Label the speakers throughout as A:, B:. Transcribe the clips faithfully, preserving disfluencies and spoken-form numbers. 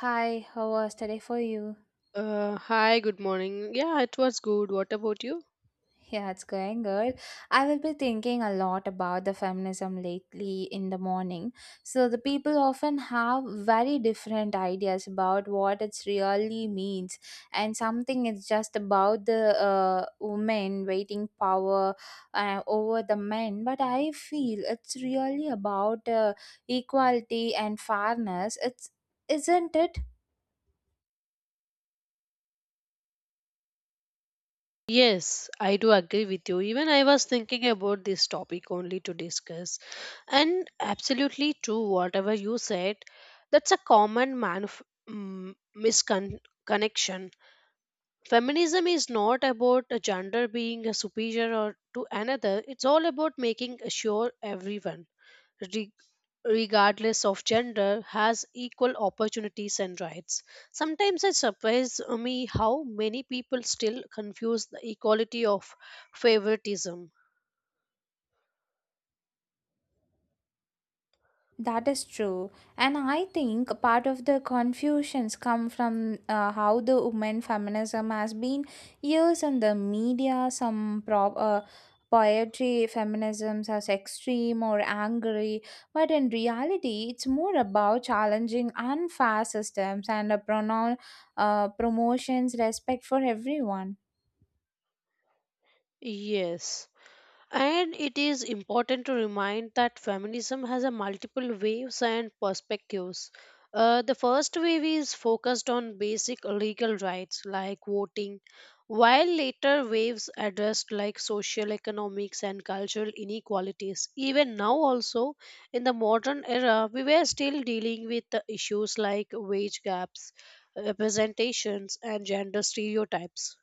A: Hi, how was today for you?
B: Uh, hi, good morning. Yeah, it was good. What about you?
A: Yeah, it's going good. I will be thinking a lot about the feminism lately in the morning. So, the people often have very different ideas about what it really means, and something is just about the uh, women waiting power uh, over the men. But I feel it's really about uh, equality and fairness. It's isn't it.
B: Yes, I do agree with you. Even I was thinking about this topic only to discuss. And absolutely true, whatever you said, that's a common manif- mm, misconnection. Feminism is not about a gender being a superior or to another, it's all about making sure everyone re- regardless of gender, has equal opportunities and rights. Sometimes it surprises me how many people still confuse the equality of favoritism.
A: That is true. And I think part of the confusions come from uh, how the women feminism has been used in the media. Some pro- uh, poetry feminisms as extreme or angry, but in reality, it's more about challenging unfair systems and a pronoun uh, promotions respect for everyone.
B: Yes. And it is important to remind that feminism has a multiple waves and perspectives. Uh, the first wave is focused on basic legal rights like voting, while later waves addressed like social economics and cultural inequalities. Even now also in the modern era we were still dealing with the issues like wage gaps, representations and gender stereotypes.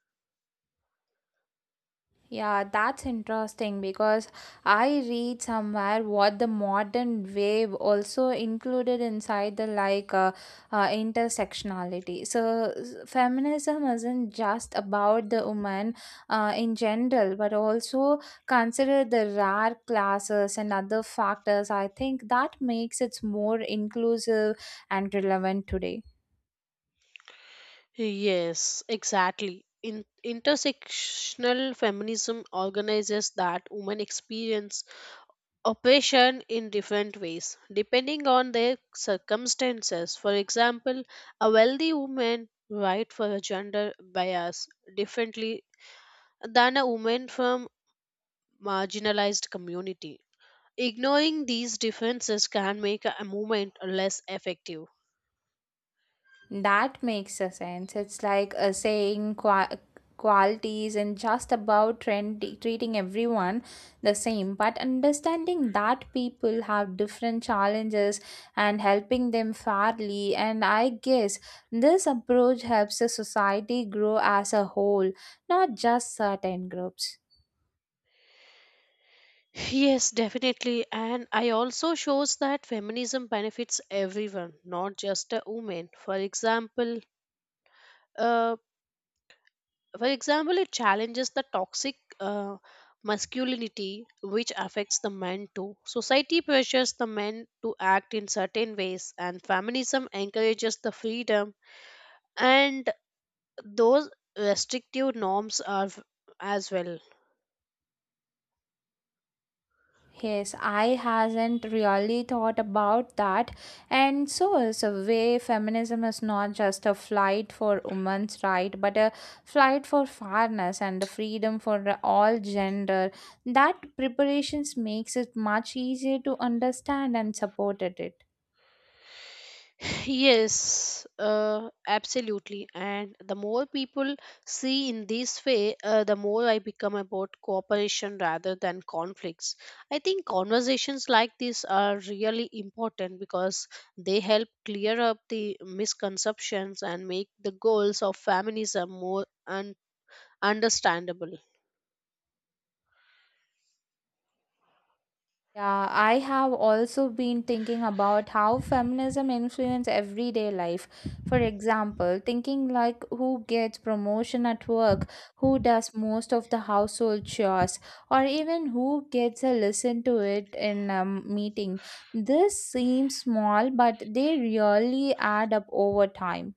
A: Yeah, that's interesting because I read somewhere what the modern wave also included inside the like uh, uh, intersectionality. So s- feminism isn't just about the woman uh, in general, but also consider the rare classes and other factors. I think that makes it more inclusive and relevant today.
B: Yes, exactly. In intersectional feminism organizes that women experience oppression in different ways depending on their circumstances. For example, a wealthy woman right for a gender bias differently than a woman from marginalized community. Ignoring these differences can make a movement less effective.
A: That makes a sense. It's like a saying qua- quality isn't just about trend- treating everyone the same, but understanding that people have different challenges and helping them fairly. And I guess this approach helps the society grow as a whole, not just certain groups.
B: Yes, definitely. And I also shows that feminism benefits everyone, not just a woman. For example, uh, for example, it challenges the toxic uh, masculinity, which affects the men too. Society pressures the men to act in certain ways, and feminism encourages the freedom and those restrictive norms are as well.
A: Yes, I hasn't really thought about that. And so is a way feminism is not just a fight for women's right, but a fight for fairness and the freedom for all gender. That preparations makes it much easier to understand and support it.
B: Yes, uh, absolutely. And the more people see in this way, uh, the more I become about cooperation rather than conflicts. I think conversations like this are really important because they help clear up the misconceptions and make the goals of feminism more un- understandable.
A: Yeah, I have also been thinking about how feminism influence everyday life. For example, thinking like who gets promotion at work, who does most of the household chores, or even who gets a listen to it in a meeting. This seems small, but they really add up over time.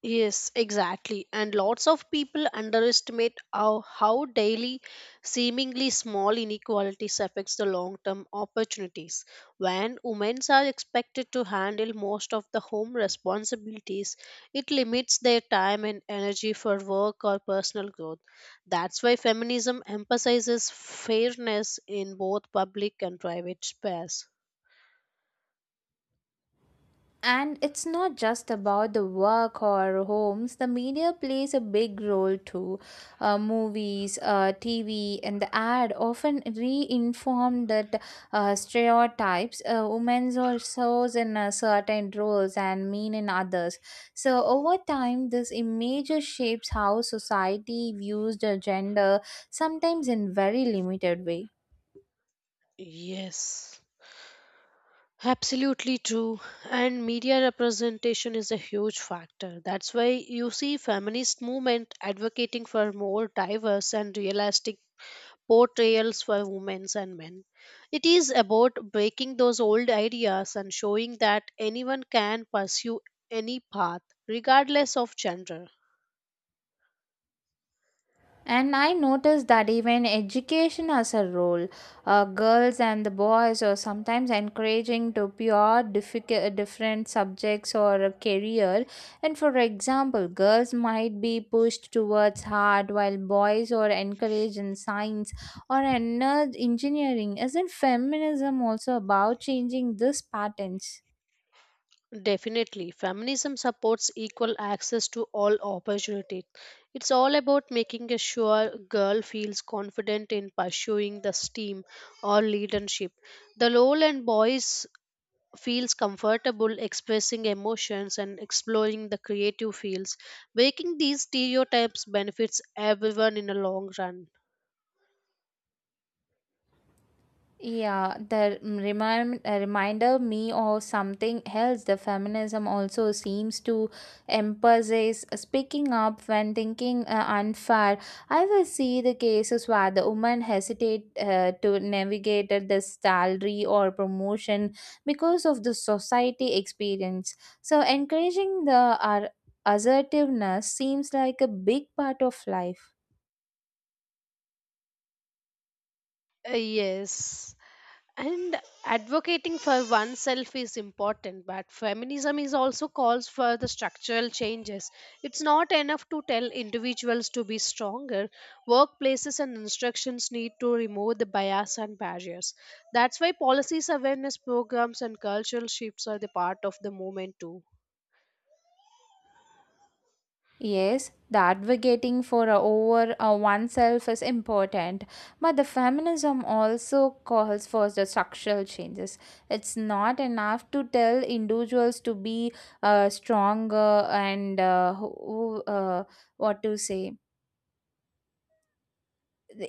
B: Yes, exactly. And lots of people underestimate how, how daily, seemingly small inequalities affects the long-term opportunities. When women are expected to handle most of the home responsibilities, it limits their time and energy for work or personal growth. That's why feminism emphasizes fairness in both public and private space.
A: And it's not just about the work or homes. The media plays a big role too. Uh, movies, uh, T V, and the ad often reinform that uh, stereotypes. Uh, women are shows in uh, certain roles and mean in others. So over time, this image shapes how society views the gender, sometimes in very limited way.
B: Yes. Absolutely true. And media representation is a huge factor. That's why you see feminist movement advocating for more diverse and realistic portrayals for women and men. It is about breaking those old ideas and showing that anyone can pursue any path regardless of gender.
A: And I noticed that even education has a role. Uh, girls and the boys are sometimes encouraging to pure difficult, different subjects or a career. And for example, girls might be pushed towards art while boys are encouraged in science or ener- engineering. Isn't feminism also about changing these patterns?
B: Definitely, feminism supports equal access to all opportunities. It's all about making a sure girl feels confident in pursuing the STEAM or leadership. The role and boys feels comfortable expressing emotions and exploring the creative fields. Breaking these stereotypes benefits everyone in the long run.
A: Yeah, the mm, remind, uh, reminder me of something else. The feminism also seems to emphasize speaking up when thinking uh, unfair. I will see the cases where the woman hesitate uh, to navigate at the salary or promotion because of the society experience. So encouraging the uh, assertiveness seems like a big part of life.
B: Uh, yes. And advocating for oneself is important, but feminism is also calls for the structural changes. It's not enough to tell individuals to be stronger. Workplaces and instructions need to remove the bias and barriers. That's why policies, awareness programs, and cultural shifts are the part of the movement too.
A: Yes, the advocating for uh, over uh, oneself is important, but the feminism also calls for the structural changes. It's not enough to tell individuals to be uh, stronger and uh, who, who, uh, what to say,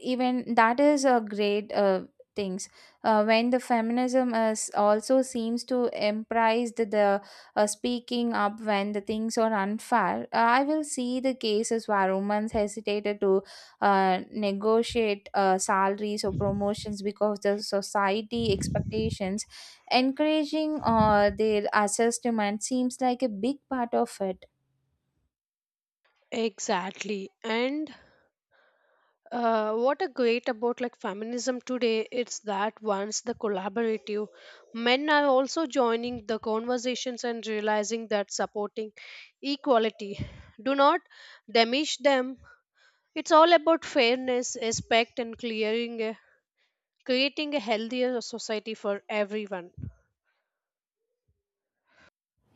A: even that is a great uh, things uh, when the feminism is also seems to embrace the, the uh, speaking up when the things are unfair. Uh, i will see the cases where women hesitated to uh, negotiate uh, salaries or promotions because the society expectations encouraging uh, their assessment seems like a big part of it.
B: Exactly. And Uh, what a great about like feminism today it's that once the collaborative men are also joining the conversations and realizing that supporting equality do not damage them. It's all about fairness respect and clearing a, creating a healthier society for everyone.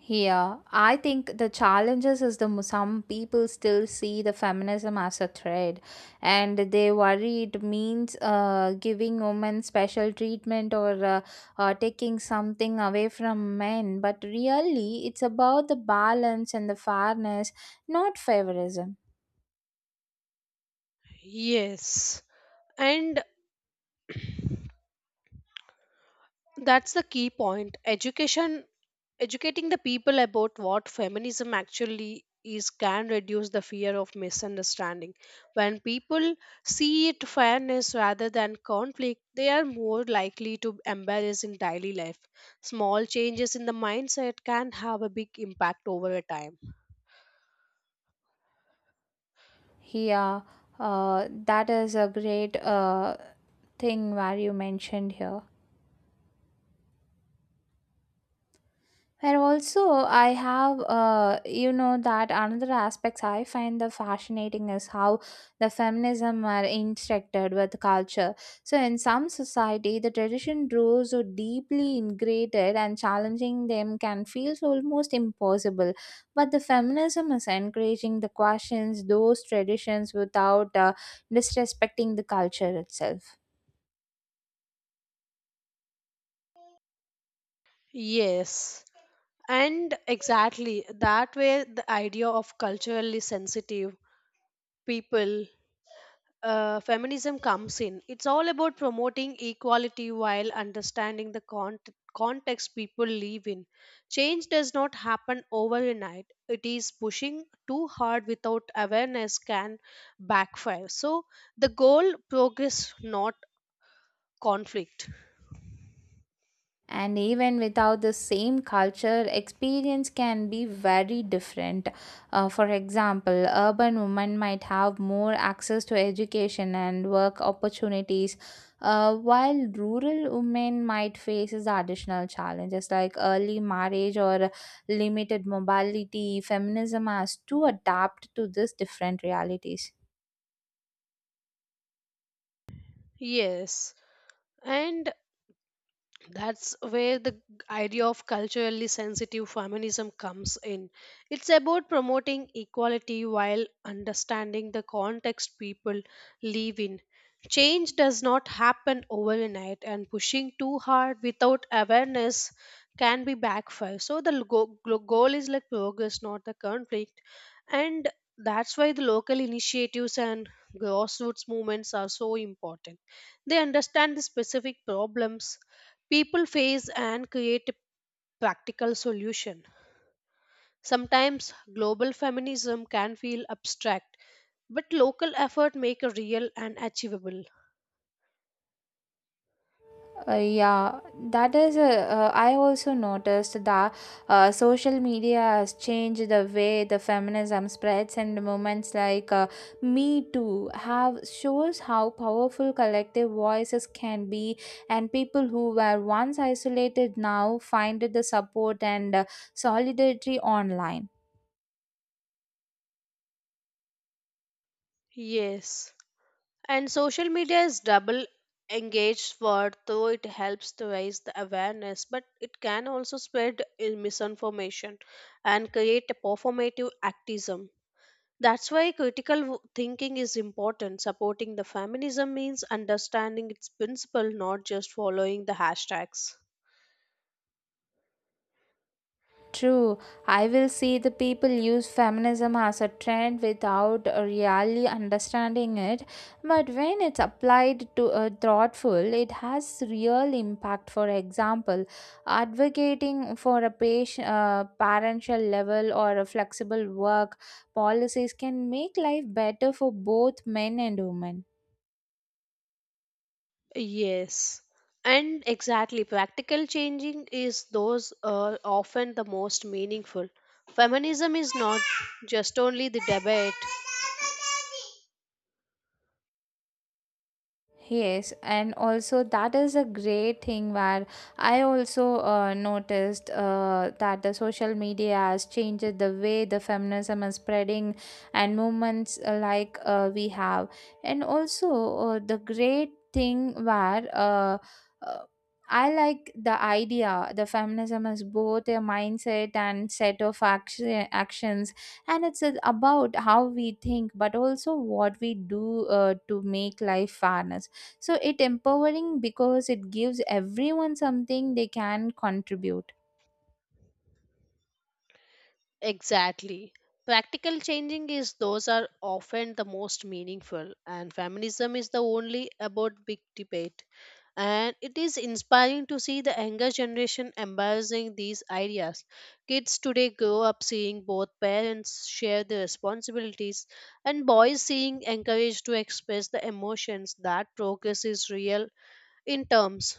A: Yeah, I think the challenges is the mo- some people still see the feminism as a threat, and they worry it means uh, giving women special treatment or uh, uh, taking something away from men. But really, it's about the balance and the fairness, not favorism.
B: Yes, and that's the key point education educating the people about what feminism actually is can reduce the fear of misunderstanding. When people see it fairness rather than conflict, they are more likely to embrace in daily life. Small changes in the mindset can have a big impact over a time.
A: Yeah, uh, that is a great uh, thing where you mentioned here. And also, I have, uh, you know, that another aspects I find the fascinating is how the feminism are intersected with culture. So, in some society, the tradition rules are deeply ingrained, and challenging them can feel so almost impossible. But the feminism is encouraging the questions those traditions without uh, disrespecting the culture itself.
B: Yes, and exactly that way the idea of culturally sensitive people uh, feminism comes in. It's all about promoting equality while understanding the cont- context people live in. Change does not happen overnight. It is pushing too hard without awareness can backfire. So the goal progress, not conflict.
A: And even without the same culture experience can be very different. Uh, for example, urban women might have more access to education and work opportunities, uh, while rural women might face is additional challenges like early marriage or limited mobility. Feminism has to adapt to these different realities.
B: Yes, and that's where the g- idea of culturally sensitive feminism comes in. It's about promoting equality while understanding the context people live in. Change does not happen overnight and pushing too hard without awareness can be backfire. So the go- glo- goal is like progress, not the conflict. And that's why the local initiatives and grassroots movements are so important. They understand the specific problems people face and create a practical solution. Sometimes global feminism can feel abstract, but local effort make a real and achievable.
A: Uh, yeah, that is. Uh, uh, I also noticed that uh, social media has changed the way the feminism spreads, and movements like uh, Me Too have shows how powerful collective voices can be, and people who were once isolated now find the support and uh, solidarity online.
B: Yes. And social media is double engaged for though it helps to raise the awareness, but it can also spread in misinformation and create a performative activism. That's why critical w- thinking is important. Supporting the feminism means understanding its principle, not just following the hashtags.
A: True, I will see the people use feminism as a trend without really understanding it, but when it's applied to a thoughtful, it has real impact. For example, advocating for a patient, uh, parental level or a flexible work policies can make life better for both men and women.
B: Yes. And exactly, practical changing is those uh, often the most meaningful. Feminism is not just only the debate.
A: Yes, and also that is a great thing where I also uh, noticed uh, that the social media has changed the way the feminism is spreading and movements uh, like uh, we have, and also uh, the great thing where uh, uh, I like the idea the feminism is both a mindset and set of action, actions, and it's uh, about how we think, but also what we do uh, to make life fairness, so it empowering because it gives everyone something they can contribute.
B: Exactly. Practical changing is those are often the most meaningful, and feminism is the only about big debate. And it is inspiring to see the younger generation embracing these ideas. Kids today grow up seeing both parents share the responsibilities, and boys seeing encouraged to express the emotions that progress is real in terms.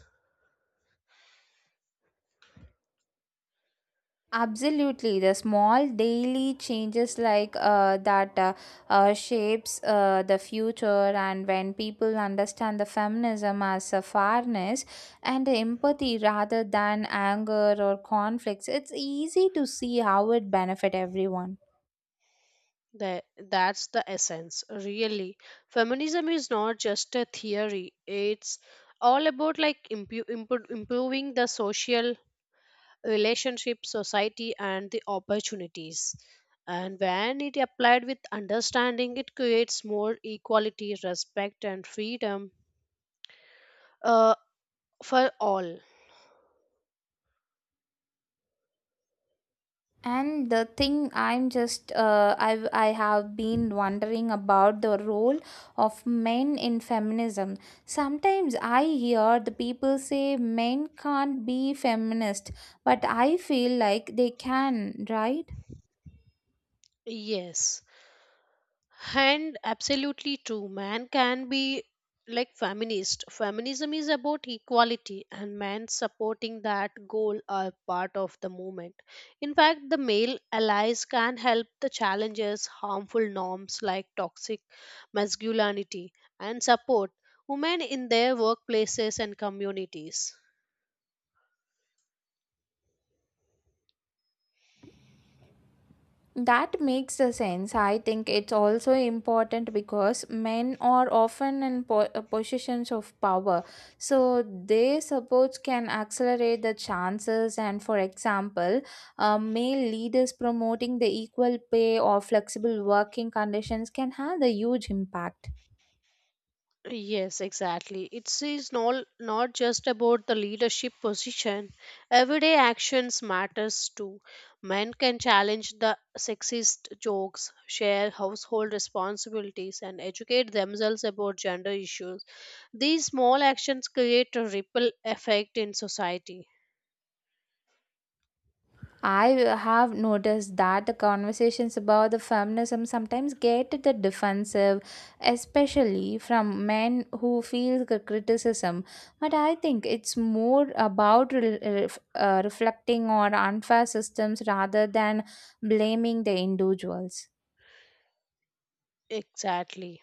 A: Absolutely, the small daily changes like uh, that uh, uh, shapes uh, the future, and when people understand the feminism as a fairness and empathy rather than anger or conflicts, it's easy to see how it benefit everyone.
B: That that's the essence, really. Feminism is not just a theory. It's all about like impu- impo- improving the social relationship, society, and the opportunities. And when it applied with understanding, it creates more equality, respect, and freedom uh, for all.
A: And the thing I'm just uh, I've I have been wondering about the role of men in feminism. Sometimes I hear the people say men can't be feminist, but I feel like they can, right?
B: Yes. And absolutely true. Man can be like feminist. Feminism is about equality, and men supporting that goal are part of the movement. In fact, the male allies can help the challenges harmful norms like toxic masculinity and support women in their workplaces and communities.
A: That makes a sense. I think it's also important because men are often in po- uh, positions of power, so their supports can accelerate the chances. And for example, uh, male leaders promoting the equal pay or flexible working conditions can have the huge impact.
B: Yes, exactly. It's not not just about the leadership position. Everyday actions matters too. Men can challenge the sexist jokes, share household responsibilities, and educate themselves about gender issues. These small actions create a ripple effect in society.
A: I have noticed that the conversations about the feminism sometimes get the defensive, especially from men who feel the criticism. But I think it's more about re- ref- uh, reflecting on unfair systems rather than blaming the individuals.
B: Exactly.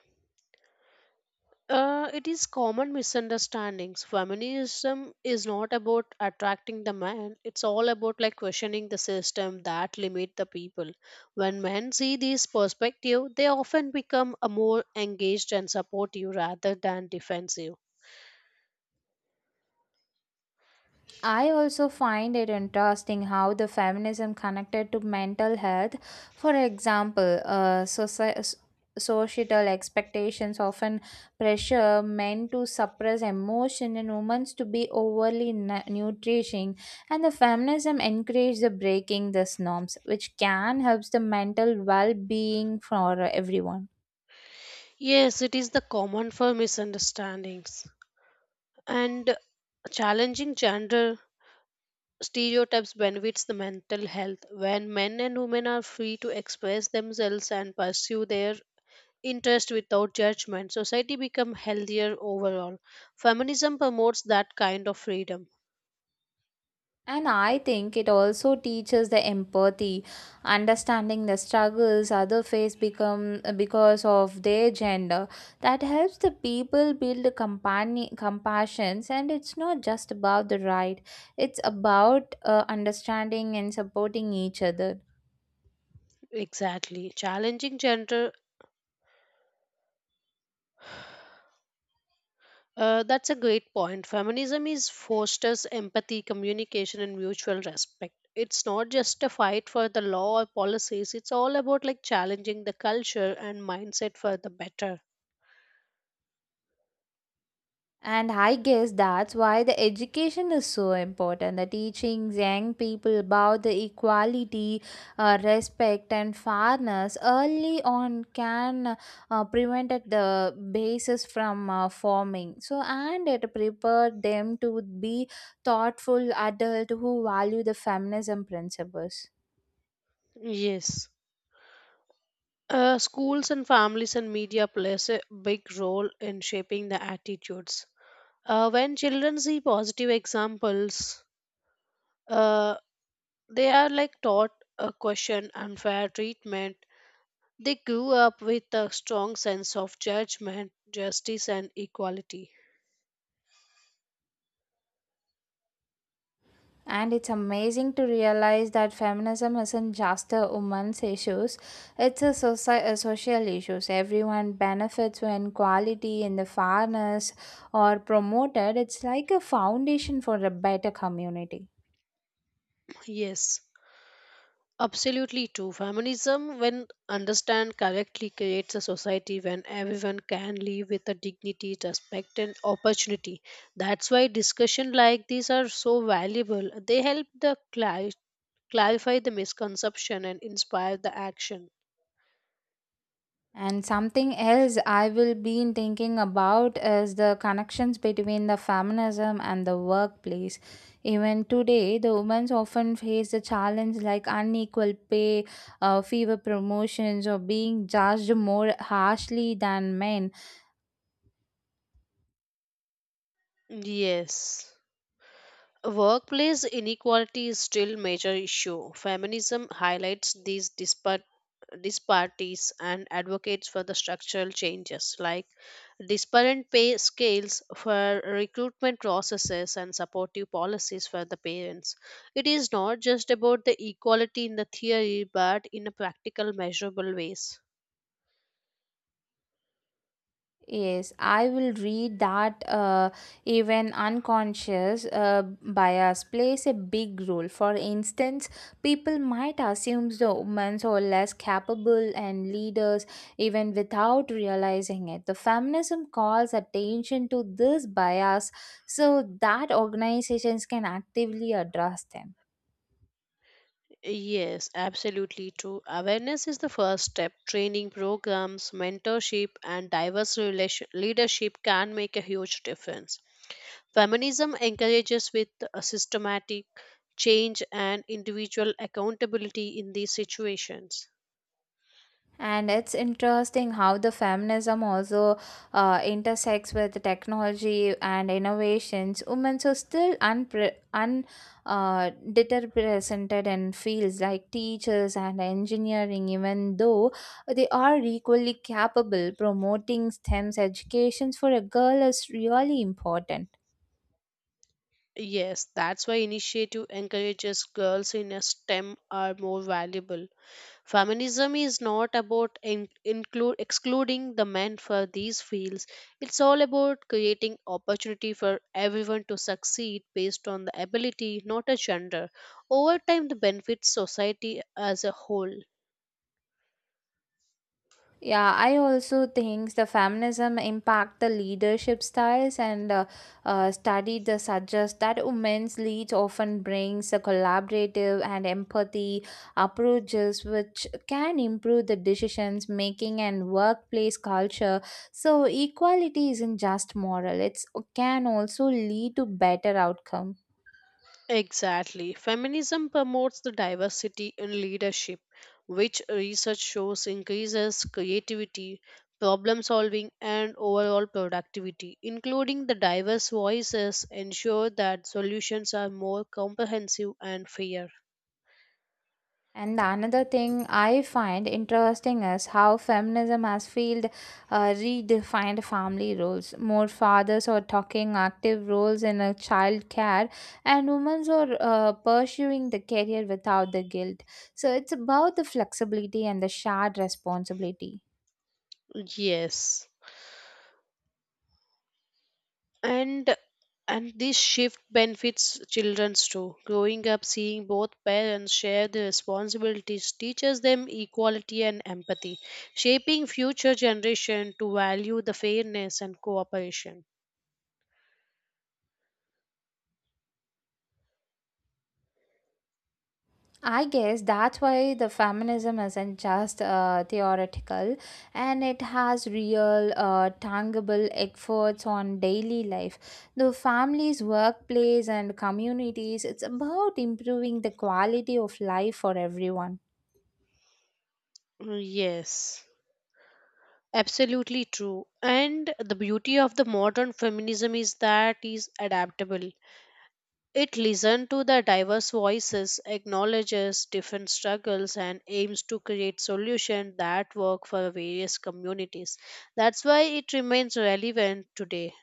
B: Uh, it is common misunderstandings. Feminism is not about attracting the man. It's all about like questioning the system that limit the people. When men see this perspective, they often become a more engaged and supportive rather than defensive.
A: I also find it interesting how the feminism connected to mental health. For example, uh, soci- societal expectations often pressure men to suppress emotion and women to be overly nu- nutrition, and the feminism encourages the breaking these norms, which can help the mental well-being for everyone.
B: Yes, it is the common for misunderstandings. And challenging gender stereotypes benefits the mental health. When men and women are free to express themselves and pursue their interest without judgment, society become healthier overall. Feminism promotes that kind of freedom.
A: And I think it also teaches the empathy, understanding the struggles other face become because of their gender. That helps the people build a company compassions, and it's not just about the right; it's about uh, understanding and supporting each other.
B: Exactly. Challenging gender uh, that's a great point. Feminism is fosters empathy, communication and mutual respect. It's not just a fight for the law or policies, it's all about like challenging the culture and mindset for the better.
A: And I guess that's why the education is so important. The teaching young people about the equality, uh, respect, and fairness early on can uh, prevent at the basis from uh, forming. So, and it prepared them to be thoughtful adults who value the feminism principles.
B: Yes. Uh, schools and families and media plays a big role in shaping the attitudes. Uh, when children see positive examples, uh, they are like taught a question unfair treatment. They grew up with a strong sense of judgment, justice, and equality.
A: And it's amazing to realize that feminism isn't just a woman's issues, it's a, soci- a social issues. Everyone benefits when quality and the fairness are promoted. It's like a foundation for a better community.
B: Yes, absolutely true. Feminism, when understand correctly, creates a society when everyone can live with a dignity, respect, and opportunity. That's why discussion like these are so valuable. They help the cli- clarify the misconception and inspire the action.
A: And something else I will be thinking about is the connections between the feminism and the workplace. Even today, the women often face the challenge like unequal pay, uh, fewer promotions, or being judged more harshly than men.
B: Yes. Workplace inequality is still major issue. Feminism highlights these dispar- disparities and advocates for the structural changes like disparate pay scales for recruitment processes and supportive policies for the parents. It is not just about the equality in the theory but in a practical measurable ways.
A: Yes, I will read that uh, even unconscious uh, bias plays a big role. For instance, people might assume the women are less capable and leaders even without realizing it. The feminism calls attention to this bias so that organizations can actively address them.
B: Yes, absolutely true. Awareness is the first step. Training programs, mentorship, and diverse relation- leadership can make a huge difference. Feminism encourages with a systematic change and individual accountability in these situations.
A: And it's interesting how the feminism also uh, intersects with technology and innovations. Women are still unpre- un uh, underrepresented in fields like teachers and engineering, even though they are equally capable. Promoting STEM's educations for a girl is really important.
B: Yes, that's why initiative encourages girls in a STEM are more valuable. Feminism is not about in, include excluding the men for these fields. It's all about creating opportunity for everyone to succeed based on the ability, not a gender. Over time, the benefits society as a whole.
A: Yeah, I also think the feminism impact the leadership styles and uh, uh, study the suggest that women's leads often brings a collaborative and empathy approaches which can improve the decisions making and workplace culture. So equality isn't just moral; it's can also lead to better outcome.
B: Exactly. Feminism promotes the diversity in leadership, which research shows increases creativity, problem solving, and overall productivity. Including the diverse voices ensure that solutions are more comprehensive and fair.
A: And the another thing I find interesting is how feminism has field uh, redefined family roles. More fathers are taking active roles in a child care, and women are uh, pursuing the career without the guilt. So it's about the flexibility and the shared responsibility.
B: Yes. and and this shift benefits children too growing up seeing both parents share the responsibilities teaches them equality and empathy shaping future generation to value the fairness and cooperation.
A: I guess that's why the feminism isn't just uh, theoretical and it has real, uh, tangible efforts on daily life. The families, workplace, and communities, it's about improving the quality of life for everyone.
B: Yes, absolutely true. And the beauty of the modern feminism is that is adaptable. It listens to the diverse voices, acknowledges different struggles, and aims to create solutions that work for various communities. That's why it remains relevant today.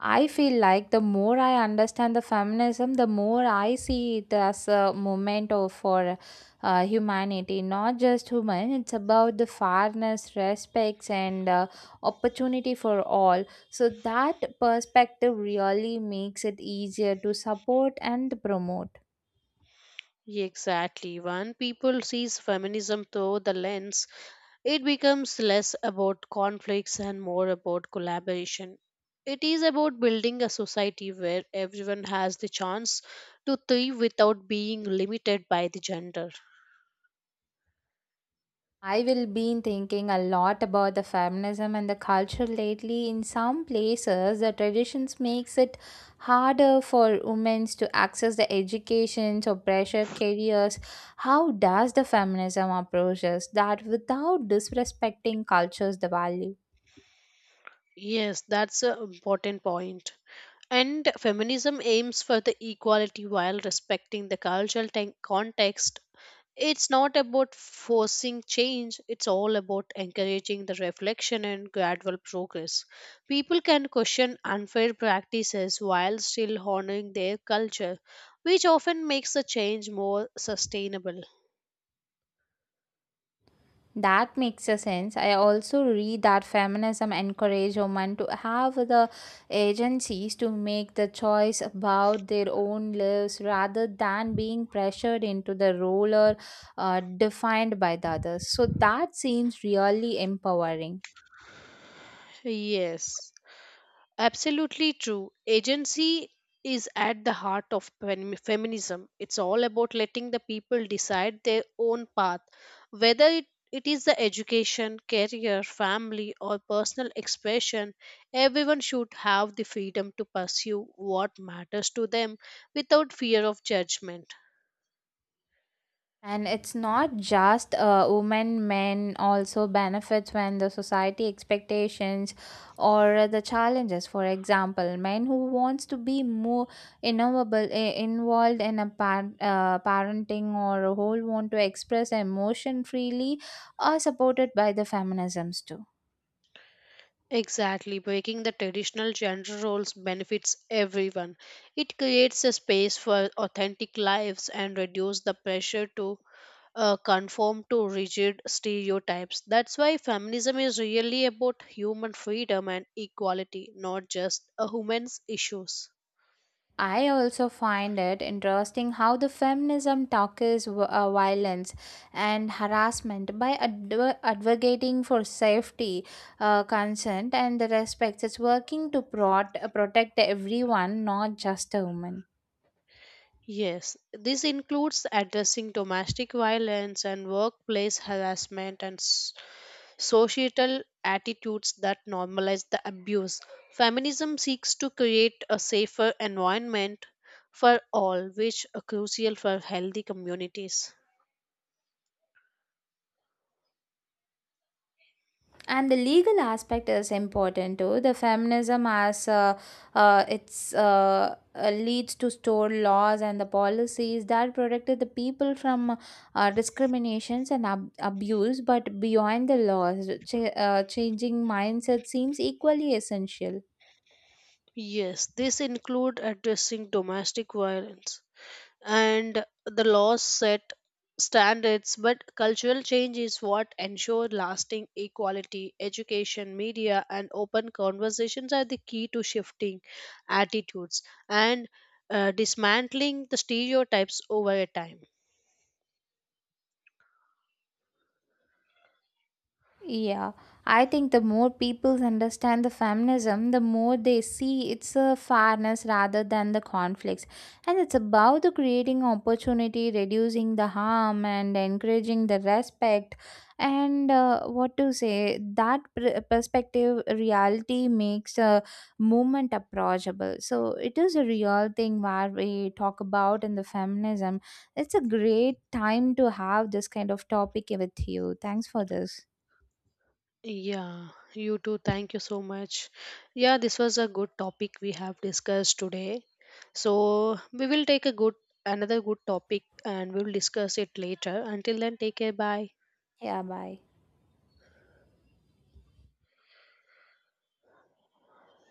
A: I feel like the more I understand the feminism, the more I see it as a movement of, for uh, humanity, not just human. It's about the fairness, respects, and uh, opportunity for all. So that perspective really makes it easier to support and promote.
B: Yeah, exactly. When people sees feminism through the lens, it becomes less about conflicts and more about collaboration. It is about building a society where everyone has the chance to thrive without being limited by the gender.
A: I will been thinking a lot about the feminism and the culture lately. In some places, the traditions makes it harder for women to access the education or pressure careers. How does the feminism approaches that without disrespecting cultures the value?
B: Yes, that's an important point. And feminism aims for the equality while respecting the cultural ten- context. It's not about forcing change, it's all about encouraging the reflection and gradual progress. People can question unfair practices while still honoring their culture, which often makes the change more sustainable.
A: That makes a sense. I also read that feminism encourage women to have the agencies to make the choice about their own lives rather than being pressured into the role or uh, defined by the others. So that seems really empowering.
B: Yes. Absolutely true. Agency is at the heart of fem- feminism. It's all about letting the people decide their own path, whether it, it is the education, career, family, or personal expression. Everyone should have the freedom to pursue what matters to them without fear of judgment.
A: And it's not just uh, women, men also benefits when the society expectations or the challenges. For example, men who wants to be more innovable, i- involved in a par- uh, parenting or who want to express emotion freely are supported by the feminisms too.
B: Exactly, breaking the traditional gender roles benefits everyone. It creates a space for authentic lives and reduces the pressure to uh, conform to rigid stereotypes. That's why feminism is really about human freedom and equality, not just a woman's issues.
A: I also find it interesting how the feminism tackles w- uh, violence and harassment by adv- advocating for safety, uh, consent, and the respect. It's working to prot- uh, protect everyone, not just a woman.
B: Yes, this includes addressing domestic violence and workplace harassment and s- societal attitudes that normalize the abuse. Feminism seeks to create a safer environment for all, which are crucial for healthy communities.
A: And the legal aspect is important too. The feminism as uh, uh, it's uh, uh, leads to store laws and the policies that protected the people from uh, discriminations and ab- abuse, but beyond the laws, ch- uh, changing mindset seems equally essential.
B: Yes, this include addressing domestic violence and the laws set standards, but cultural change is what ensure lasting equality. Education, media, and open conversations are the key to shifting attitudes and uh, dismantling the stereotypes over a time.
A: Yeah, I think the more people understand the feminism, the more they see it's a fairness rather than the conflicts. And it's about the creating opportunity, reducing the harm, and encouraging the respect. And uh, what to say, that pr- perspective reality makes a movement approachable. So it is a real thing where we talk about in the feminism. It's a great time to have this kind of topic with you. Thanks for this.
B: Yeah, you too. Thank you so much. Yeah, this was a good topic we have discussed today. So we will take a good another good topic and we will discuss it later. Until then, take care. Bye.
A: Yeah, bye.